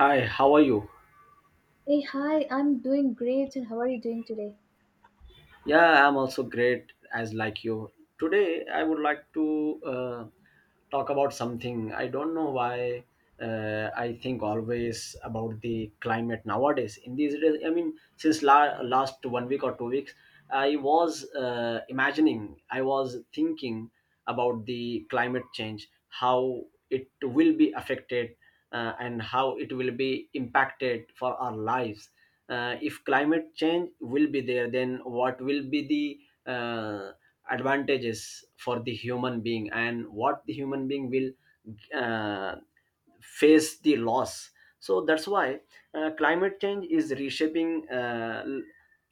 Hi, how are you? Hey, hi, I'm doing great, and how are you doing today? Yeah, I'm also great as like you. Today, I would like to talk about something. I don't know why I think always about the climate nowadays. In these days, I mean, since last 1 week or 2 weeks, I was imagining, I was thinking about the climate change, how it will be affected, and how it will be impacted for our lives. If climate change will be there, then what will be the advantages for the human being, and what the human being will uh, face the loss? So that's why climate change is reshaping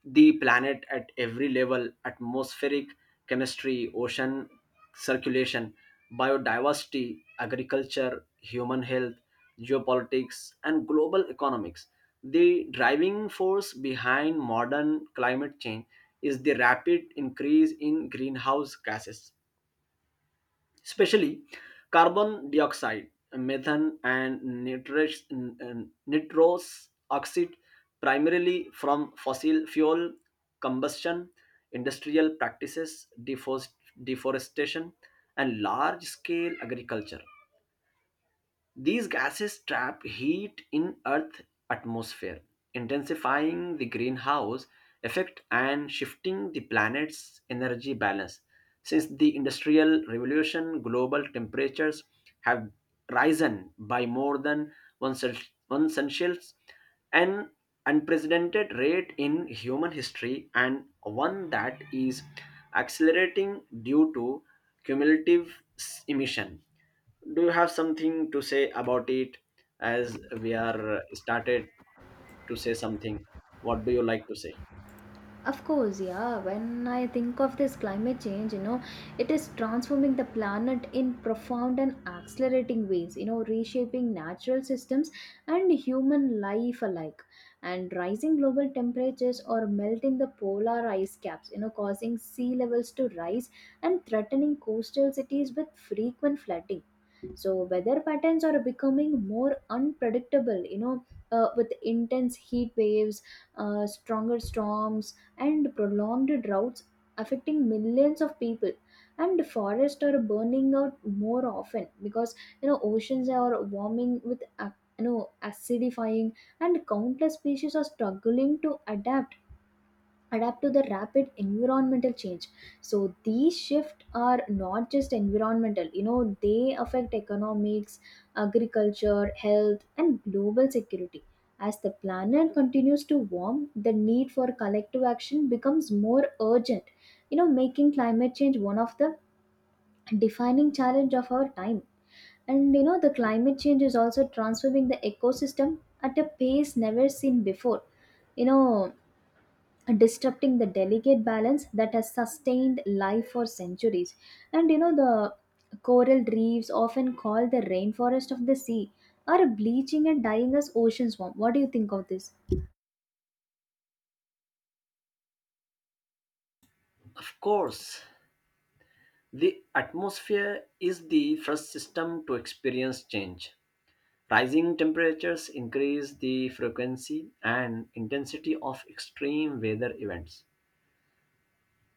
the planet at every level: atmospheric chemistry, ocean circulation, biodiversity, agriculture, human health, geopolitics, and global economics. The driving force behind modern climate change is the rapid increase in greenhouse gases, especially carbon dioxide, methane, and nitrous oxide, primarily from fossil fuel combustion, industrial practices, deforestation, and large scale agriculture. These gases trap heat in Earth's atmosphere, intensifying the greenhouse effect and shifting the planet's energy balance. Since the Industrial Revolution, global temperatures have risen by more than one, cel- one essential, an unprecedented rate in human history, and one that is accelerating due to cumulative emission. Do you have something to say about it? As we are, started to say something, what do you like to say? Of course, yeah, when I think of this climate change, it is transforming the planet in profound and accelerating ways, reshaping natural systems and human life alike. And rising global temperatures are melting the polar ice caps, causing sea levels to rise and threatening coastal cities with frequent flooding. So weather patterns are becoming more unpredictable, with intense heat waves, stronger storms, and prolonged droughts affecting millions of people. And forests are burning out more often because oceans are warming with acidifying, and countless species are struggling to adapt to the rapid environmental change. So these shifts are not just environmental, they affect economics, agriculture, health, and global security. As the planet continues to warm, the need for collective action becomes more urgent, making climate change one of the defining challenge of our time. And the climate change is also transforming the ecosystem at a pace never seen before, you know disrupting the delicate balance that has sustained life for centuries. And the coral reefs, often called the rainforest of the sea, are bleaching and dying as oceans warm. What do you think of this? Of course, the atmosphere is the first system to experience change. Rising temperatures increase the frequency and intensity of extreme weather events.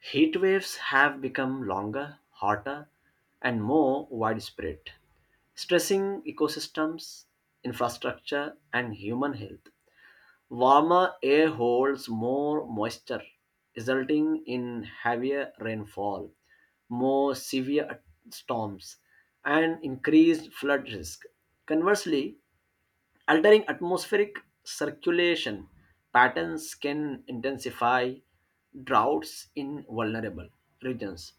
Heat waves have become longer, hotter, and more widespread, stressing ecosystems, infrastructure, and human health. Warmer air holds more moisture, resulting in heavier rainfall, more severe storms, and increased flood risk. Conversely, altering atmospheric circulation patterns can intensify droughts in vulnerable regions.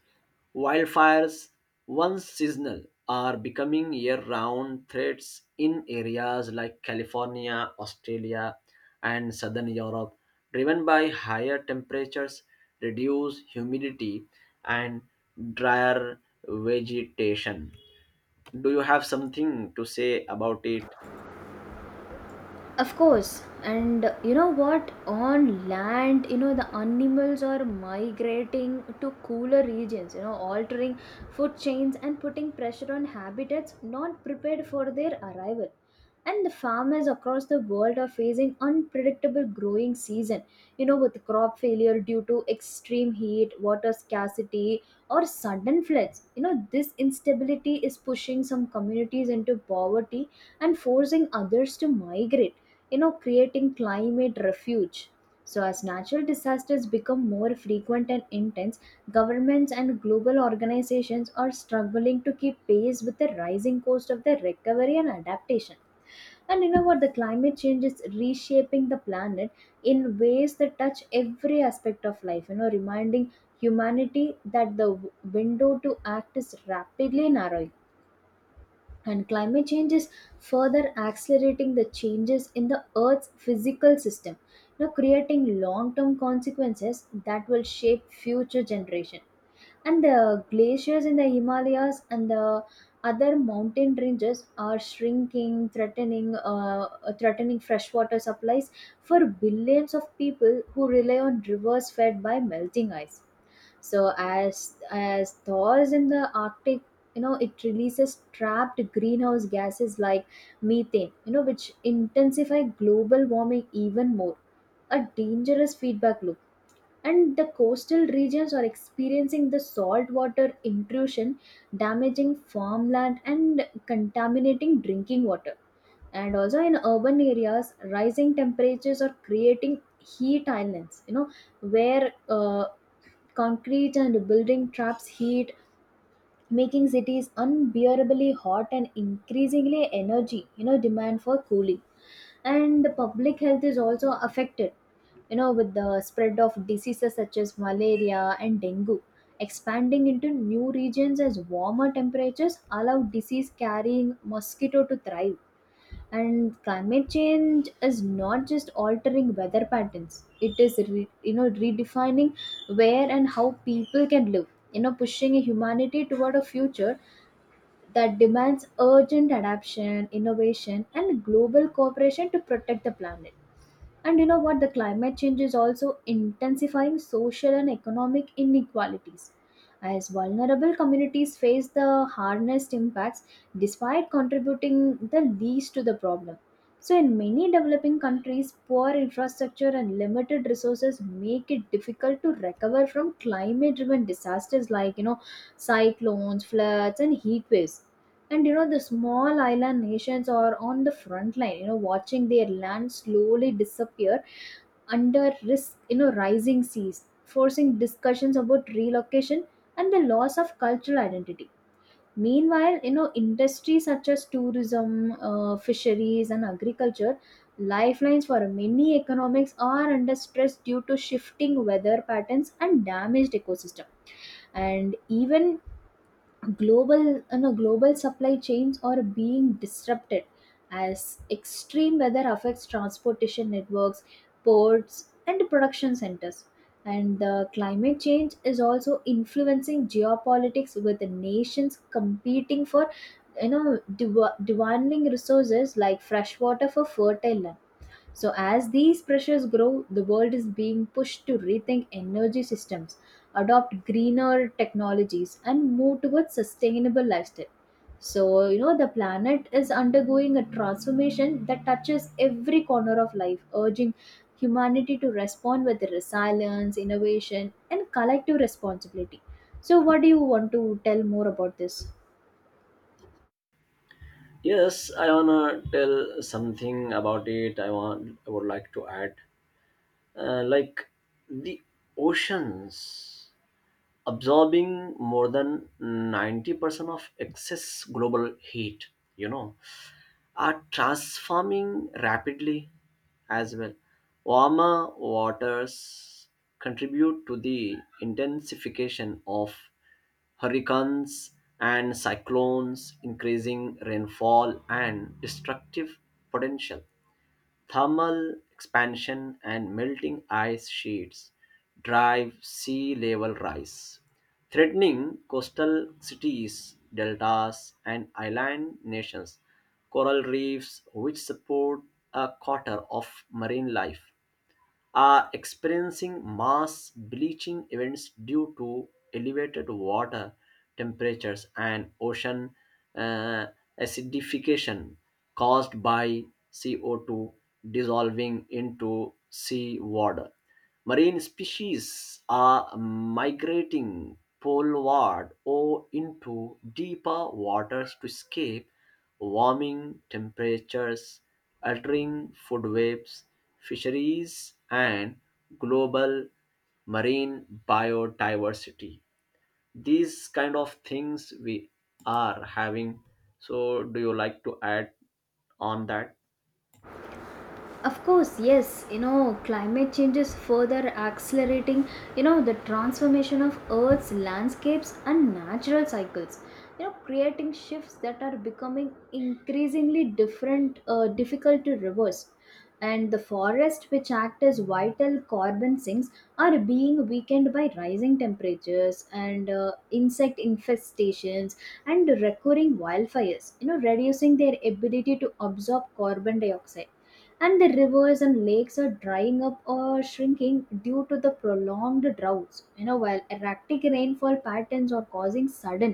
Wildfires, once seasonal, are becoming year round threats in areas like California, Australia, and southern Europe, driven by higher temperatures, reduced humidity, and drier vegetation. Do you have something to say about it? Of course, and you know what? On land, the animals are migrating to cooler regions, altering food chains and putting pressure on habitats not prepared for their arrival. And the farmers across the world are facing unpredictable growing season, with crop failure due to extreme heat, water scarcity, or sudden floods. This instability is pushing some communities into poverty and forcing others to migrate, creating climate refuge. So as natural disasters become more frequent and intense, governments and global organizations are struggling to keep pace with the rising cost of their recovery and adaptation. And you know what? The climate change is reshaping the planet in ways that touch every aspect of life, reminding humanity that the window to act is rapidly narrowing. And climate change is further accelerating the changes in the Earth's physical system, creating long-term consequences that will shape future generation. And the glaciers in the Himalayas and the other mountain ranges are shrinking, threatening freshwater supplies for billions of people who rely on rivers fed by melting ice. So as thaws in the Arctic, it releases trapped greenhouse gases like methane, which intensify global warming even more. A dangerous feedback loop. And the coastal regions are experiencing the saltwater intrusion, damaging farmland and contaminating drinking water. And also in urban areas, rising temperatures are creating heat islands, where concrete and building traps heat, making cities unbearably hot and increasingly energy, demand for cooling. And the public health is also affected, with the spread of diseases such as malaria and dengue, expanding into new regions as warmer temperatures allow disease carrying mosquito to thrive. And climate change is not just altering weather patterns, it is redefining where and how people can live, pushing humanity toward a future that demands urgent adaptation, innovation, and global cooperation to protect the planet. And you know what? The climate change is also intensifying social and economic inequalities, as vulnerable communities face the hardest impacts despite contributing the least to the problem. So, in many developing countries, poor infrastructure and limited resources make it difficult to recover from climate driven disasters like, cyclones, floods, and heat waves. And the small island nations are on the front line, watching their land slowly disappear under risk, rising seas forcing discussions about relocation and the loss of cultural identity. Meanwhile, industries such as tourism, fisheries, and agriculture, lifelines for many economics, are under stress due to shifting weather patterns and damaged ecosystem. And even global supply chains are being disrupted as extreme weather affects transportation networks, ports, and production centers. And the climate change is also influencing geopolitics, with the nations competing for demanding resources like fresh water for fertile land. So, as these pressures grow, the world is being pushed to rethink energy systems, adopt greener technologies, and move towards sustainable lifestyle. So, the planet is undergoing a transformation that touches every corner of life, urging humanity to respond with resilience, innovation, and collective responsibility. So, what do you want to tell more about this? Yes, I wanna tell something about it. I would like to add, like, the oceans, absorbing more than 90% of excess global heat, you know, are transforming rapidly as well. Warmer waters contribute to the intensification of hurricanes and cyclones, increasing rainfall and destructive potential. Thermal expansion and melting ice sheets drive sea level rise, threatening coastal cities, deltas, and island nations. Coral reefs, which support a quarter of marine life, are experiencing mass bleaching events due to elevated water temperatures and ocean uh, acidification caused by CO2 dissolving into seawater. Marine species are migrating poleward or into deeper waters to escape warming temperatures, altering food webs, fisheries, and global marine biodiversity. These kind of things we are having. So, do you like to add on that? Of course, yes, climate change is further accelerating, the transformation of Earth's landscapes and natural cycles, creating shifts that are becoming increasingly difficult to reverse. And the forests, which act as vital carbon sinks, are being weakened by rising temperatures and insect infestations and recurring wildfires, reducing their ability to absorb carbon dioxide. And the rivers and lakes are drying up or shrinking due to the prolonged droughts, while erratic rainfall patterns are causing sudden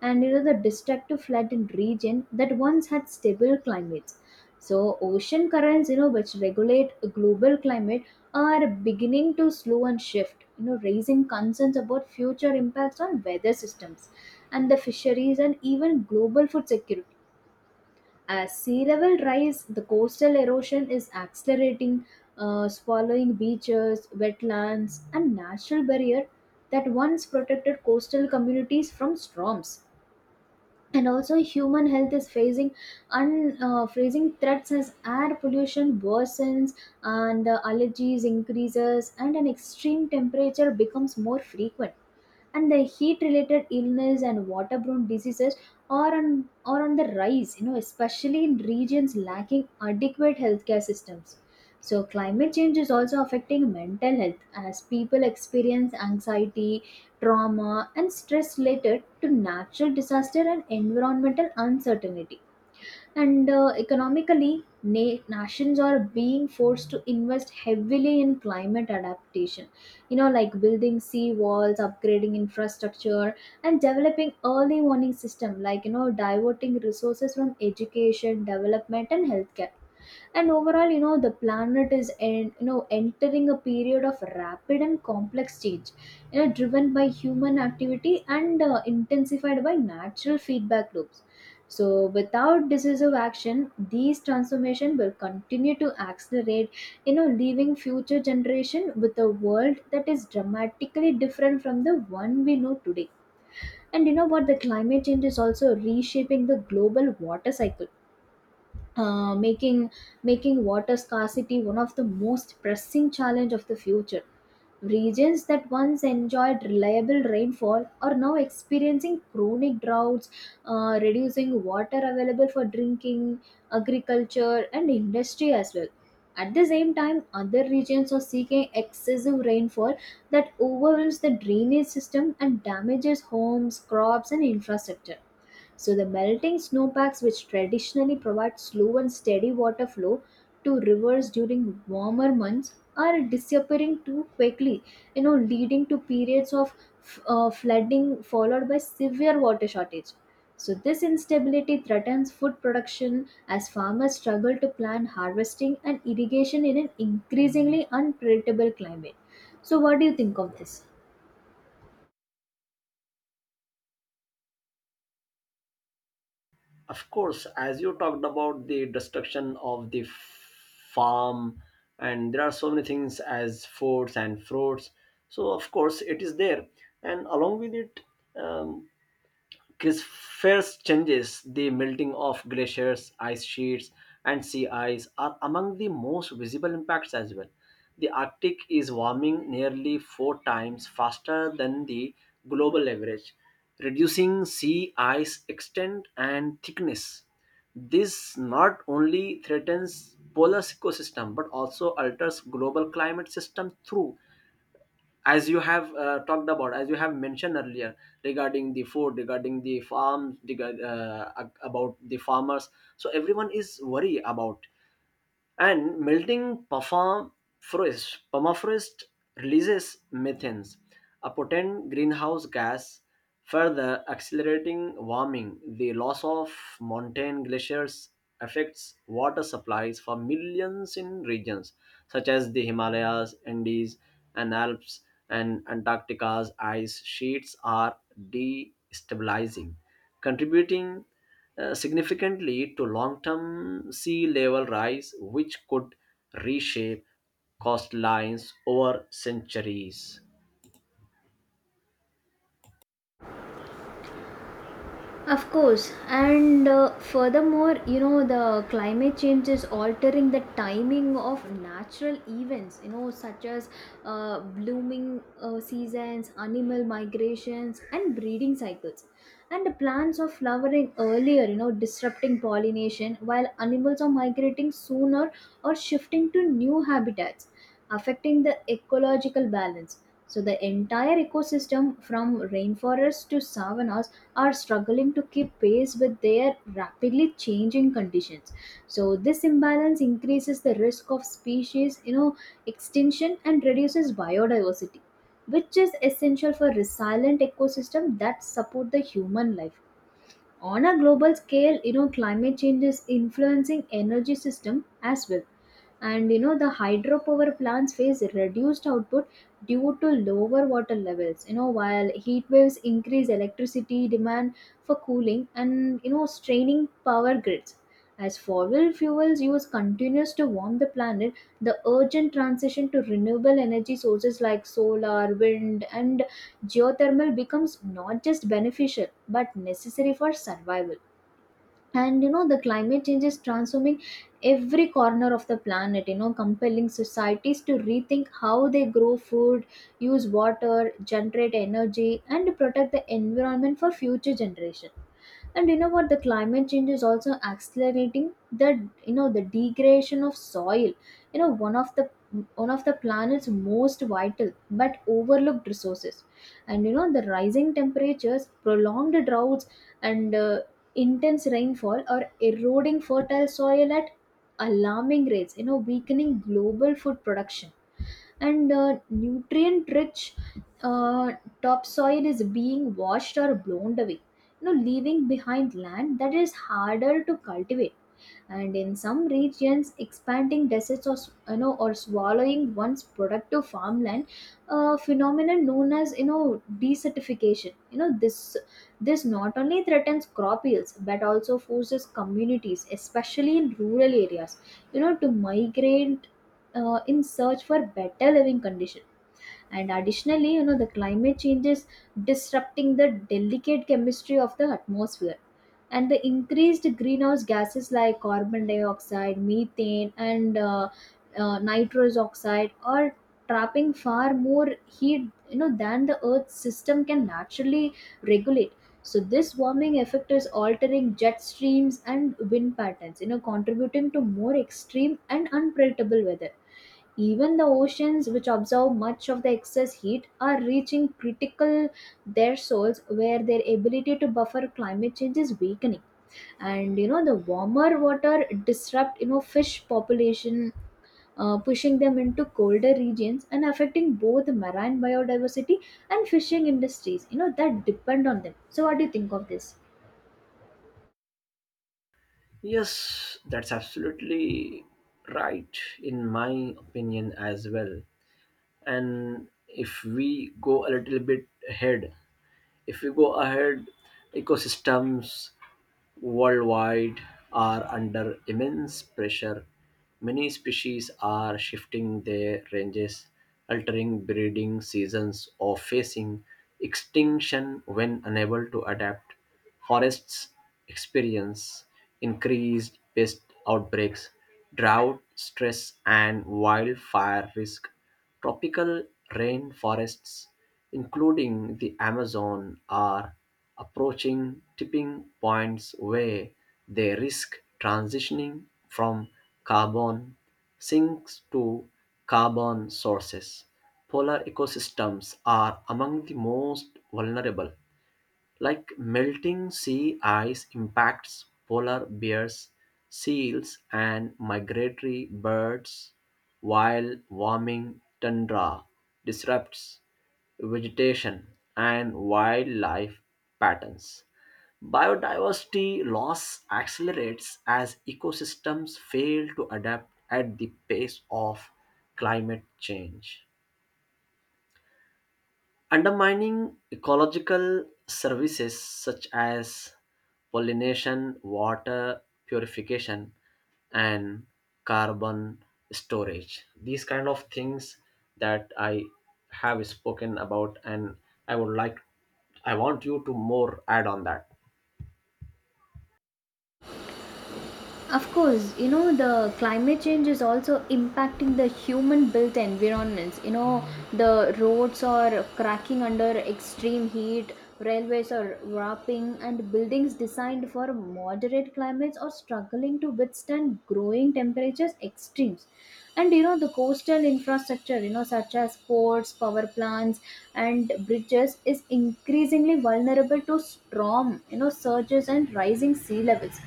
and the destructive flood in region that once had stable climates. So ocean currents, which regulate global climate, are beginning to slow and shift, raising concerns about future impacts on weather systems and the fisheries and even global food security. As sea level rise, the coastal erosion is accelerating, swallowing beaches, wetlands, and natural barrier that once protected coastal communities from storms. And also human health is facing threats as air pollution worsens and allergies increases and an extreme temperature becomes more frequent. And the heat related illness and waterborne diseases are on are on the rise, especially in regions lacking adequate healthcare systems. So climate change is also affecting mental health as people experience anxiety, trauma, and stress related to natural disaster and environmental uncertainty. And economically, nations are being forced to invest heavily in climate adaptation. Like building sea walls, upgrading infrastructure, and developing early warning system, like, diverting resources from education, development, and healthcare. And overall, the planet is entering a period of rapid and complex change, driven by human activity and intensified by natural feedback loops. So without decisive action, these transformation will continue to accelerate, leaving future generation with a world that is dramatically different from the one we know today. And you know what? The climate change is also reshaping the global water cycle, uh, making making water scarcity one of the most pressing challenge of the future. Regions that once enjoyed reliable rainfall are now experiencing chronic droughts, reducing water available for drinking, agriculture, and industry as well. At the same time, other regions are seeking excessive rainfall that overwhelms the drainage system and damages homes, crops, and infrastructure. So the melting snowpacks, which traditionally provide slow and steady water flow to rivers during warmer months, are disappearing too quickly, leading to periods of flooding followed by severe water shortage. So this instability threatens food production as farmers struggle to plan harvesting and irrigation in an increasingly unpredictable climate. So what do you think of this? Of course, as you talked about the destruction of the farm, and there are so many things as foods and fruits. So, of course, it is there. And along with it, um, this first changes the melting of glaciers, ice sheets, and sea ice are among the most visible impacts as well. The Arctic is warming nearly four times faster than the global average, reducing sea ice extent and thickness. This not only threatens polar ecosystem but also alters global climate system through, as you have talked about, as you have mentioned earlier regarding the food, regarding the farm, about the farmers, so everyone is worried about. And melting permafrost, permafrost releases methane, a potent greenhouse gas, further accelerating warming. The loss of mountain glaciers affects water supplies for millions in regions such as the Himalayas, Andes, and Alps, and Antarctica's ice sheets are destabilizing, contributing significantly to long-term sea level rise, which could reshape coastlines over centuries. Of course, and furthermore, the climate change is altering the timing of natural events, such as blooming seasons, animal migrations, and breeding cycles. And the plants are flowering earlier, disrupting pollination, while animals are migrating sooner or shifting to new habitats, affecting the ecological balance. So, the entire ecosystem from rainforests to savannas are struggling to keep pace with their rapidly changing conditions. So this imbalance increases the risk of species, extinction and reduces biodiversity, which is essential for resilient ecosystem that support the human life on a global scale. Climate change is influencing energy system as well. And the hydropower plants face reduced output due to lower water levels, while heat waves increase electricity demand for cooling and straining power grids as fossil fuels use continues to warm the planet. The urgent transition to renewable energy sources like solar, wind, and geothermal becomes not just beneficial but necessary for survival. And the climate change is transforming every corner of the planet, compelling societies to rethink how they grow food, use water, generate energy, and protect the environment for future generation. And you know what? The climate change is also accelerating the the degradation of soil, you know one of the one of the planet's most vital but overlooked resources. And the rising temperatures, prolonged droughts, and intense rainfall are eroding fertile soil at alarming rates, weakening global food production. And Nutrient rich uh, topsoil is being washed or blown away, you know, leaving behind land that is harder to cultivate. And in some regions, expanding deserts or, you know, or swallowing one's productive farmland, a phenomenon known as, you know, desertification. You know, this not only threatens crop yields but also forces communities, especially in rural areas, you know, to migrate in search for better living conditions. And additionally, you know, the climate change is disrupting the delicate chemistry of the atmosphere, and the increased greenhouse gases like carbon dioxide, methane, and nitrous oxide are trapping far more heat, you know, than the earth's system can naturally regulate. So this warming effect is altering jet streams and wind patterns, you know, contributing to more extreme and unpredictable weather. Even the oceans, which absorb much of the excess heat, are reaching critical thresholds where their ability to buffer climate change is weakening. And you know, the warmer water disrupt, you know, fish population, pushing them into colder regions and affecting both marine biodiversity and fishing industries. You know that depend on them. So, what do you think of this? Yes, that's absolutely right, in my opinion as well. And if we go a little bit ahead, if we go ahead, ecosystems worldwide are under immense pressure. Many species are shifting their ranges, altering breeding seasons, or facing extinction when unable to adapt. Forests experience increased pest outbreaks, drought, stress, and wildfire risk. Tropical rainforests, including the Amazon, are approaching tipping points where they risk transitioning from carbon sinks to carbon sources. Polar ecosystems are among the most vulnerable. Like melting sea ice impacts polar bears, seals, and migratory birds, while warming tundra disrupts vegetation and wildlife patterns. Biodiversity loss accelerates as ecosystems fail to adapt at the pace of climate change, undermining ecological services such as pollination, water purification, and carbon storage. These kind of things that I have spoken about, and I would like, I want you to more add on that. Of course, you know, the climate change is also impacting the human built environments. You know, the roads are cracking under extreme heat, railways are warping, and buildings designed for moderate climates are struggling to withstand growing temperatures extremes. And you know, the coastal infrastructure, you know, such as ports, power plants, and bridges, is increasingly vulnerable to storm, you know, surges and rising sea levels.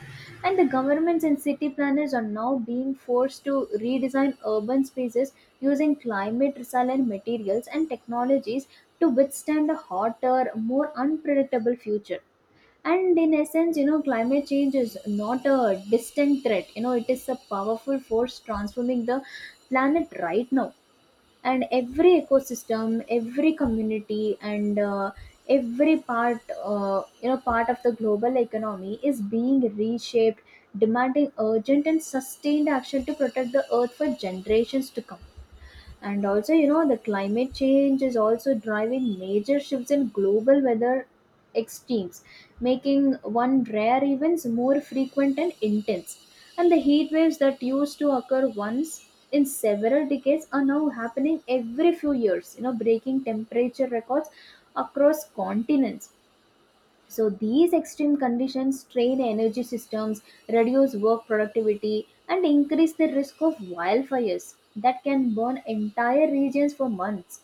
And the governments and city planners are now being forced to redesign urban spaces using climate resilient materials and technologies to withstand a hotter, more unpredictable future. And in essence, you know, climate change is not a distant threat. You know, it is a powerful force transforming the planet right now, and every ecosystem, every community, and every part, you know, part of the global economy is being reshaped, demanding urgent and sustained action to protect the earth for generations to come. And also, you know, the climate change is also driving major shifts in global weather extremes, making one rare events more frequent and intense. And the heat waves that used to occur once in several decades are now happening every few years, you know, breaking temperature records across continents. So these extreme conditions strain energy systems, reduce work productivity, and increase the risk of wildfires that can burn entire regions for months.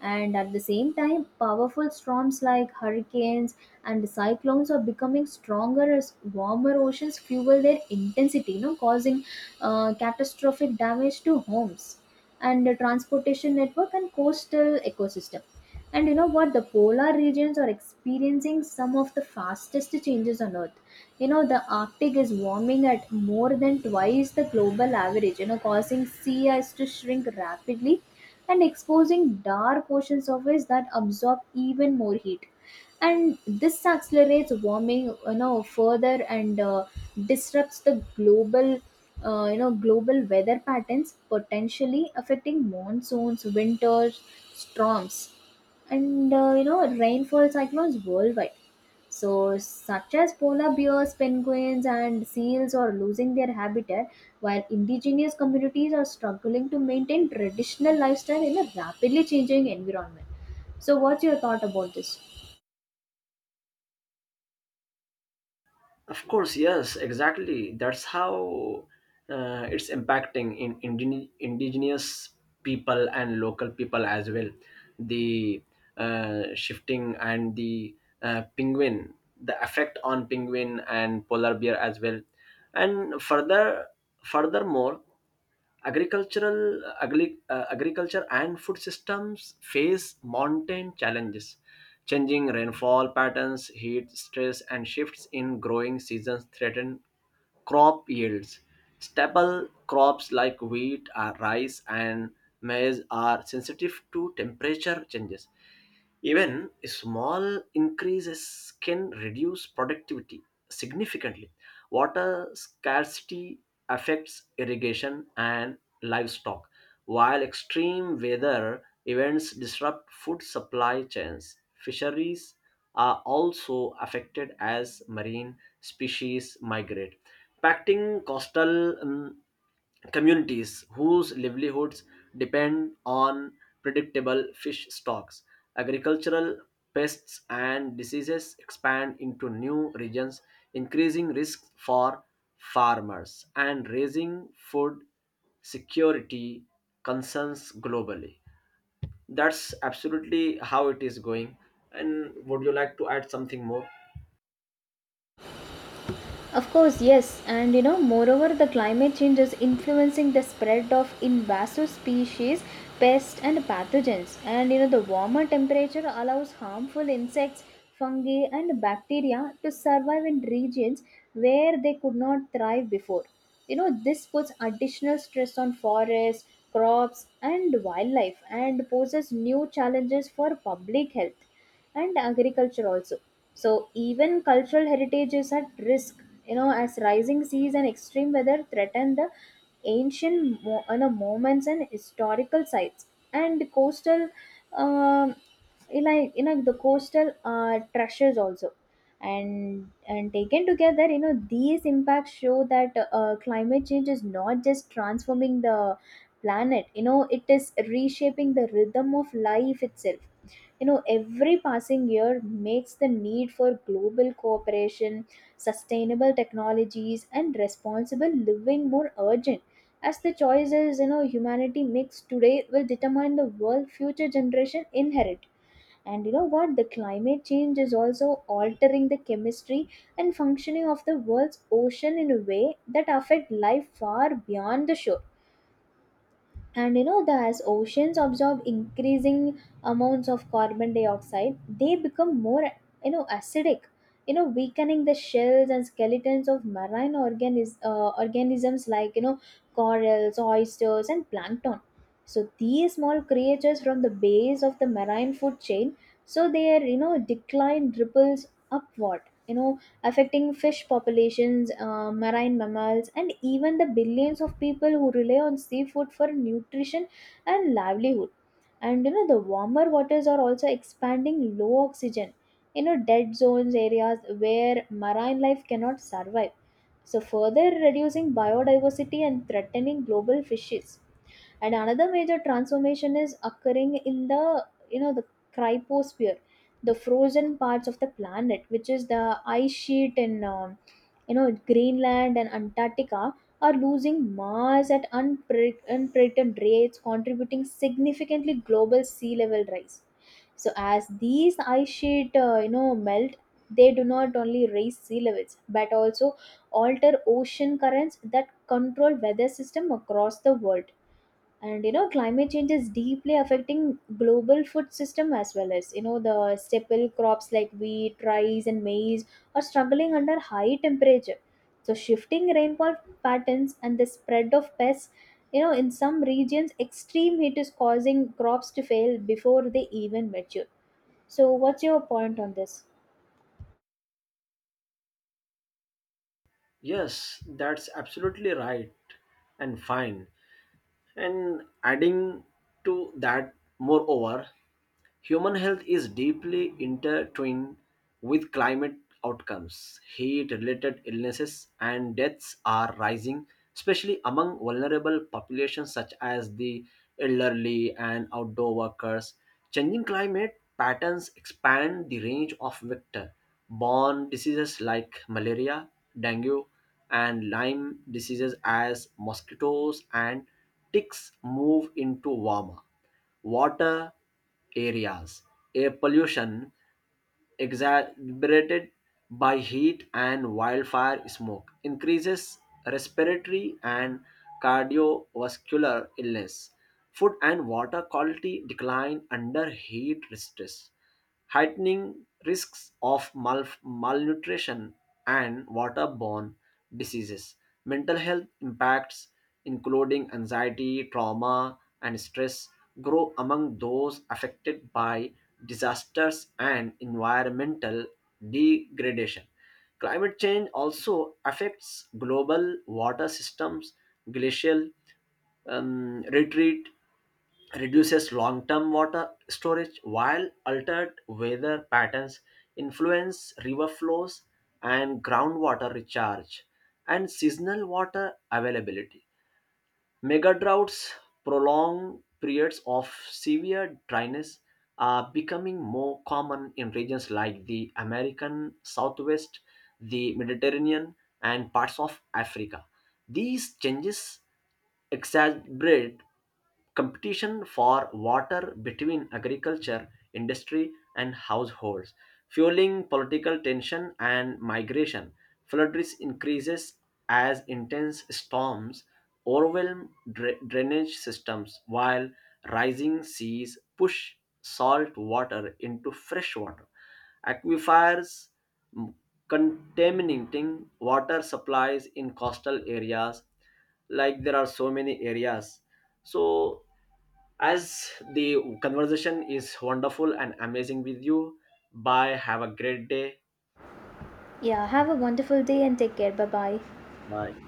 And at the same time, powerful storms like hurricanes and cyclones are becoming stronger as warmer oceans fuel their intensity, you know, causing catastrophic damage to homes and the transportation network and coastal ecosystem. And you know what? The polar regions are experiencing some of the fastest changes on Earth. You know, the Arctic is warming at more than twice the global average, you know, causing sea ice to shrink rapidly and exposing dark ocean surface that absorb even more heat. And this accelerates warming, you know, further and disrupts the global, you know, global weather patterns, potentially affecting monsoons, winters, storms, and you know, rainfall, cyclones worldwide. So such as polar bears, penguins, and seals are losing their habitat, while indigenous communities are struggling to maintain traditional lifestyle in a rapidly changing environment. So what's your thought about this? Of course, yes, exactly. That's how it's impacting in indigenous people and local people as well. The shifting, and the penguin, the effect on penguin and polar bear as well. And furthermore, agriculture and food systems face mountain challenges. Changing rainfall patterns, heat stress, and shifts in growing seasons threaten crop yields. Staple crops like wheat, rice, and maize are sensitive to temperature changes. Even small increases can reduce productivity significantly. Water scarcity affects irrigation and livestock, while extreme weather events disrupt food supply chains. Fisheries are also affected as marine species migrate, impacting coastal communities whose livelihoods depend on predictable fish stocks. Agricultural pests and diseases expand into new regions, increasing risks for farmers and raising food security concerns globally. That's absolutely how it is going. And would you like to add something more? Of course, yes, and you know, moreover, the climate change is influencing the spread of invasive species, pests, and pathogens. And you know, the warmer temperature allows harmful insects, fungi, and bacteria to survive in regions where they could not thrive before. You know, this puts additional stress on forests, crops, and wildlife and poses new challenges for public health and agriculture also. So even cultural heritage is at risk, you know, as rising seas and extreme weather threaten the you know, monuments and historical sites and coastal, um, you know, the coastal treasures also. And taken together, you know, these impacts show that climate change is not just transforming the planet. You know, it is reshaping the rhythm of life itself. You know, every passing year makes the need for global cooperation, sustainable technologies, and responsible living more urgent, as the choices, you know, humanity makes today will determine the world future generation inherit. And you know what, the climate change is also altering the chemistry and functioning of the world's ocean in a way that affect life far beyond the shore. And you know, the as oceans absorb increasing amounts of carbon dioxide, they become more, you know, acidic, you know, weakening the shells and skeletons of organisms like, you know, corals, oysters, and plankton. So these small creatures from the base of the marine food chain, so their, you know, decline ripples upward, you know, affecting fish populations, marine mammals, and even the billions of people who rely on seafood for nutrition and livelihood. And you know, the warmer waters are also expanding low oxygen, you know, dead zones areas where marine life cannot survive. So, further reducing biodiversity and threatening global fishes. And another major transformation is occurring in the, you know, the cryposphere, the frozen parts of the planet, which is the ice sheet in, you know, Greenland and Antarctica are losing mass at unprecedented rates, contributing significantly global sea level rise. So as these ice sheet you know, melt, they do not only raise sea levels but also alter ocean currents that control weather system across the world. And you know, climate change is deeply affecting global food system as well, as you know, the staple crops like wheat, rice, and maize are struggling under high temperature, so shifting rainfall patterns and the spread of pests. You know, in some regions extreme heat is causing crops to fail before they even mature. So what's your point on this? Yes, that's absolutely right and fine. And adding to that, moreover, human health is deeply intertwined with climate outcomes. Heat related illnesses and deaths are rising, especially among vulnerable populations such as the elderly and outdoor workers. Changing climate patterns expand the range of vector borne diseases like malaria, dengue, and Lyme diseases as mosquitoes and ticks move into warmer water areas. Air pollution exacerbated by heat and wildfire smoke increases respiratory and cardiovascular illness. Food and water quality decline under heat stress, heightening risks of malnutrition and waterborne diseases. Mental health impacts, including anxiety, trauma, and stress, grow among those affected by disasters and environmental degradation. Climate change also affects global water systems. Glacial retreat reduces long-term water storage, while altered weather patterns influence river flows and groundwater recharge and seasonal water availability. Mega droughts, prolonged periods of severe dryness, are becoming more common in regions like the American Southwest, the Mediterranean, and parts of Africa. These changes exacerbate competition for water between agriculture, industry, and households, fueling political tension and migration. Flood risk increases as intense storms overwhelm drainage systems, while rising seas push salt water into fresh water aquifers, mm, contaminating water supplies in coastal areas, like there are so many areas. So, as the conversation is wonderful and amazing with you, bye. Have a great day. Yeah, have a wonderful day and take care. Bye bye. Bye.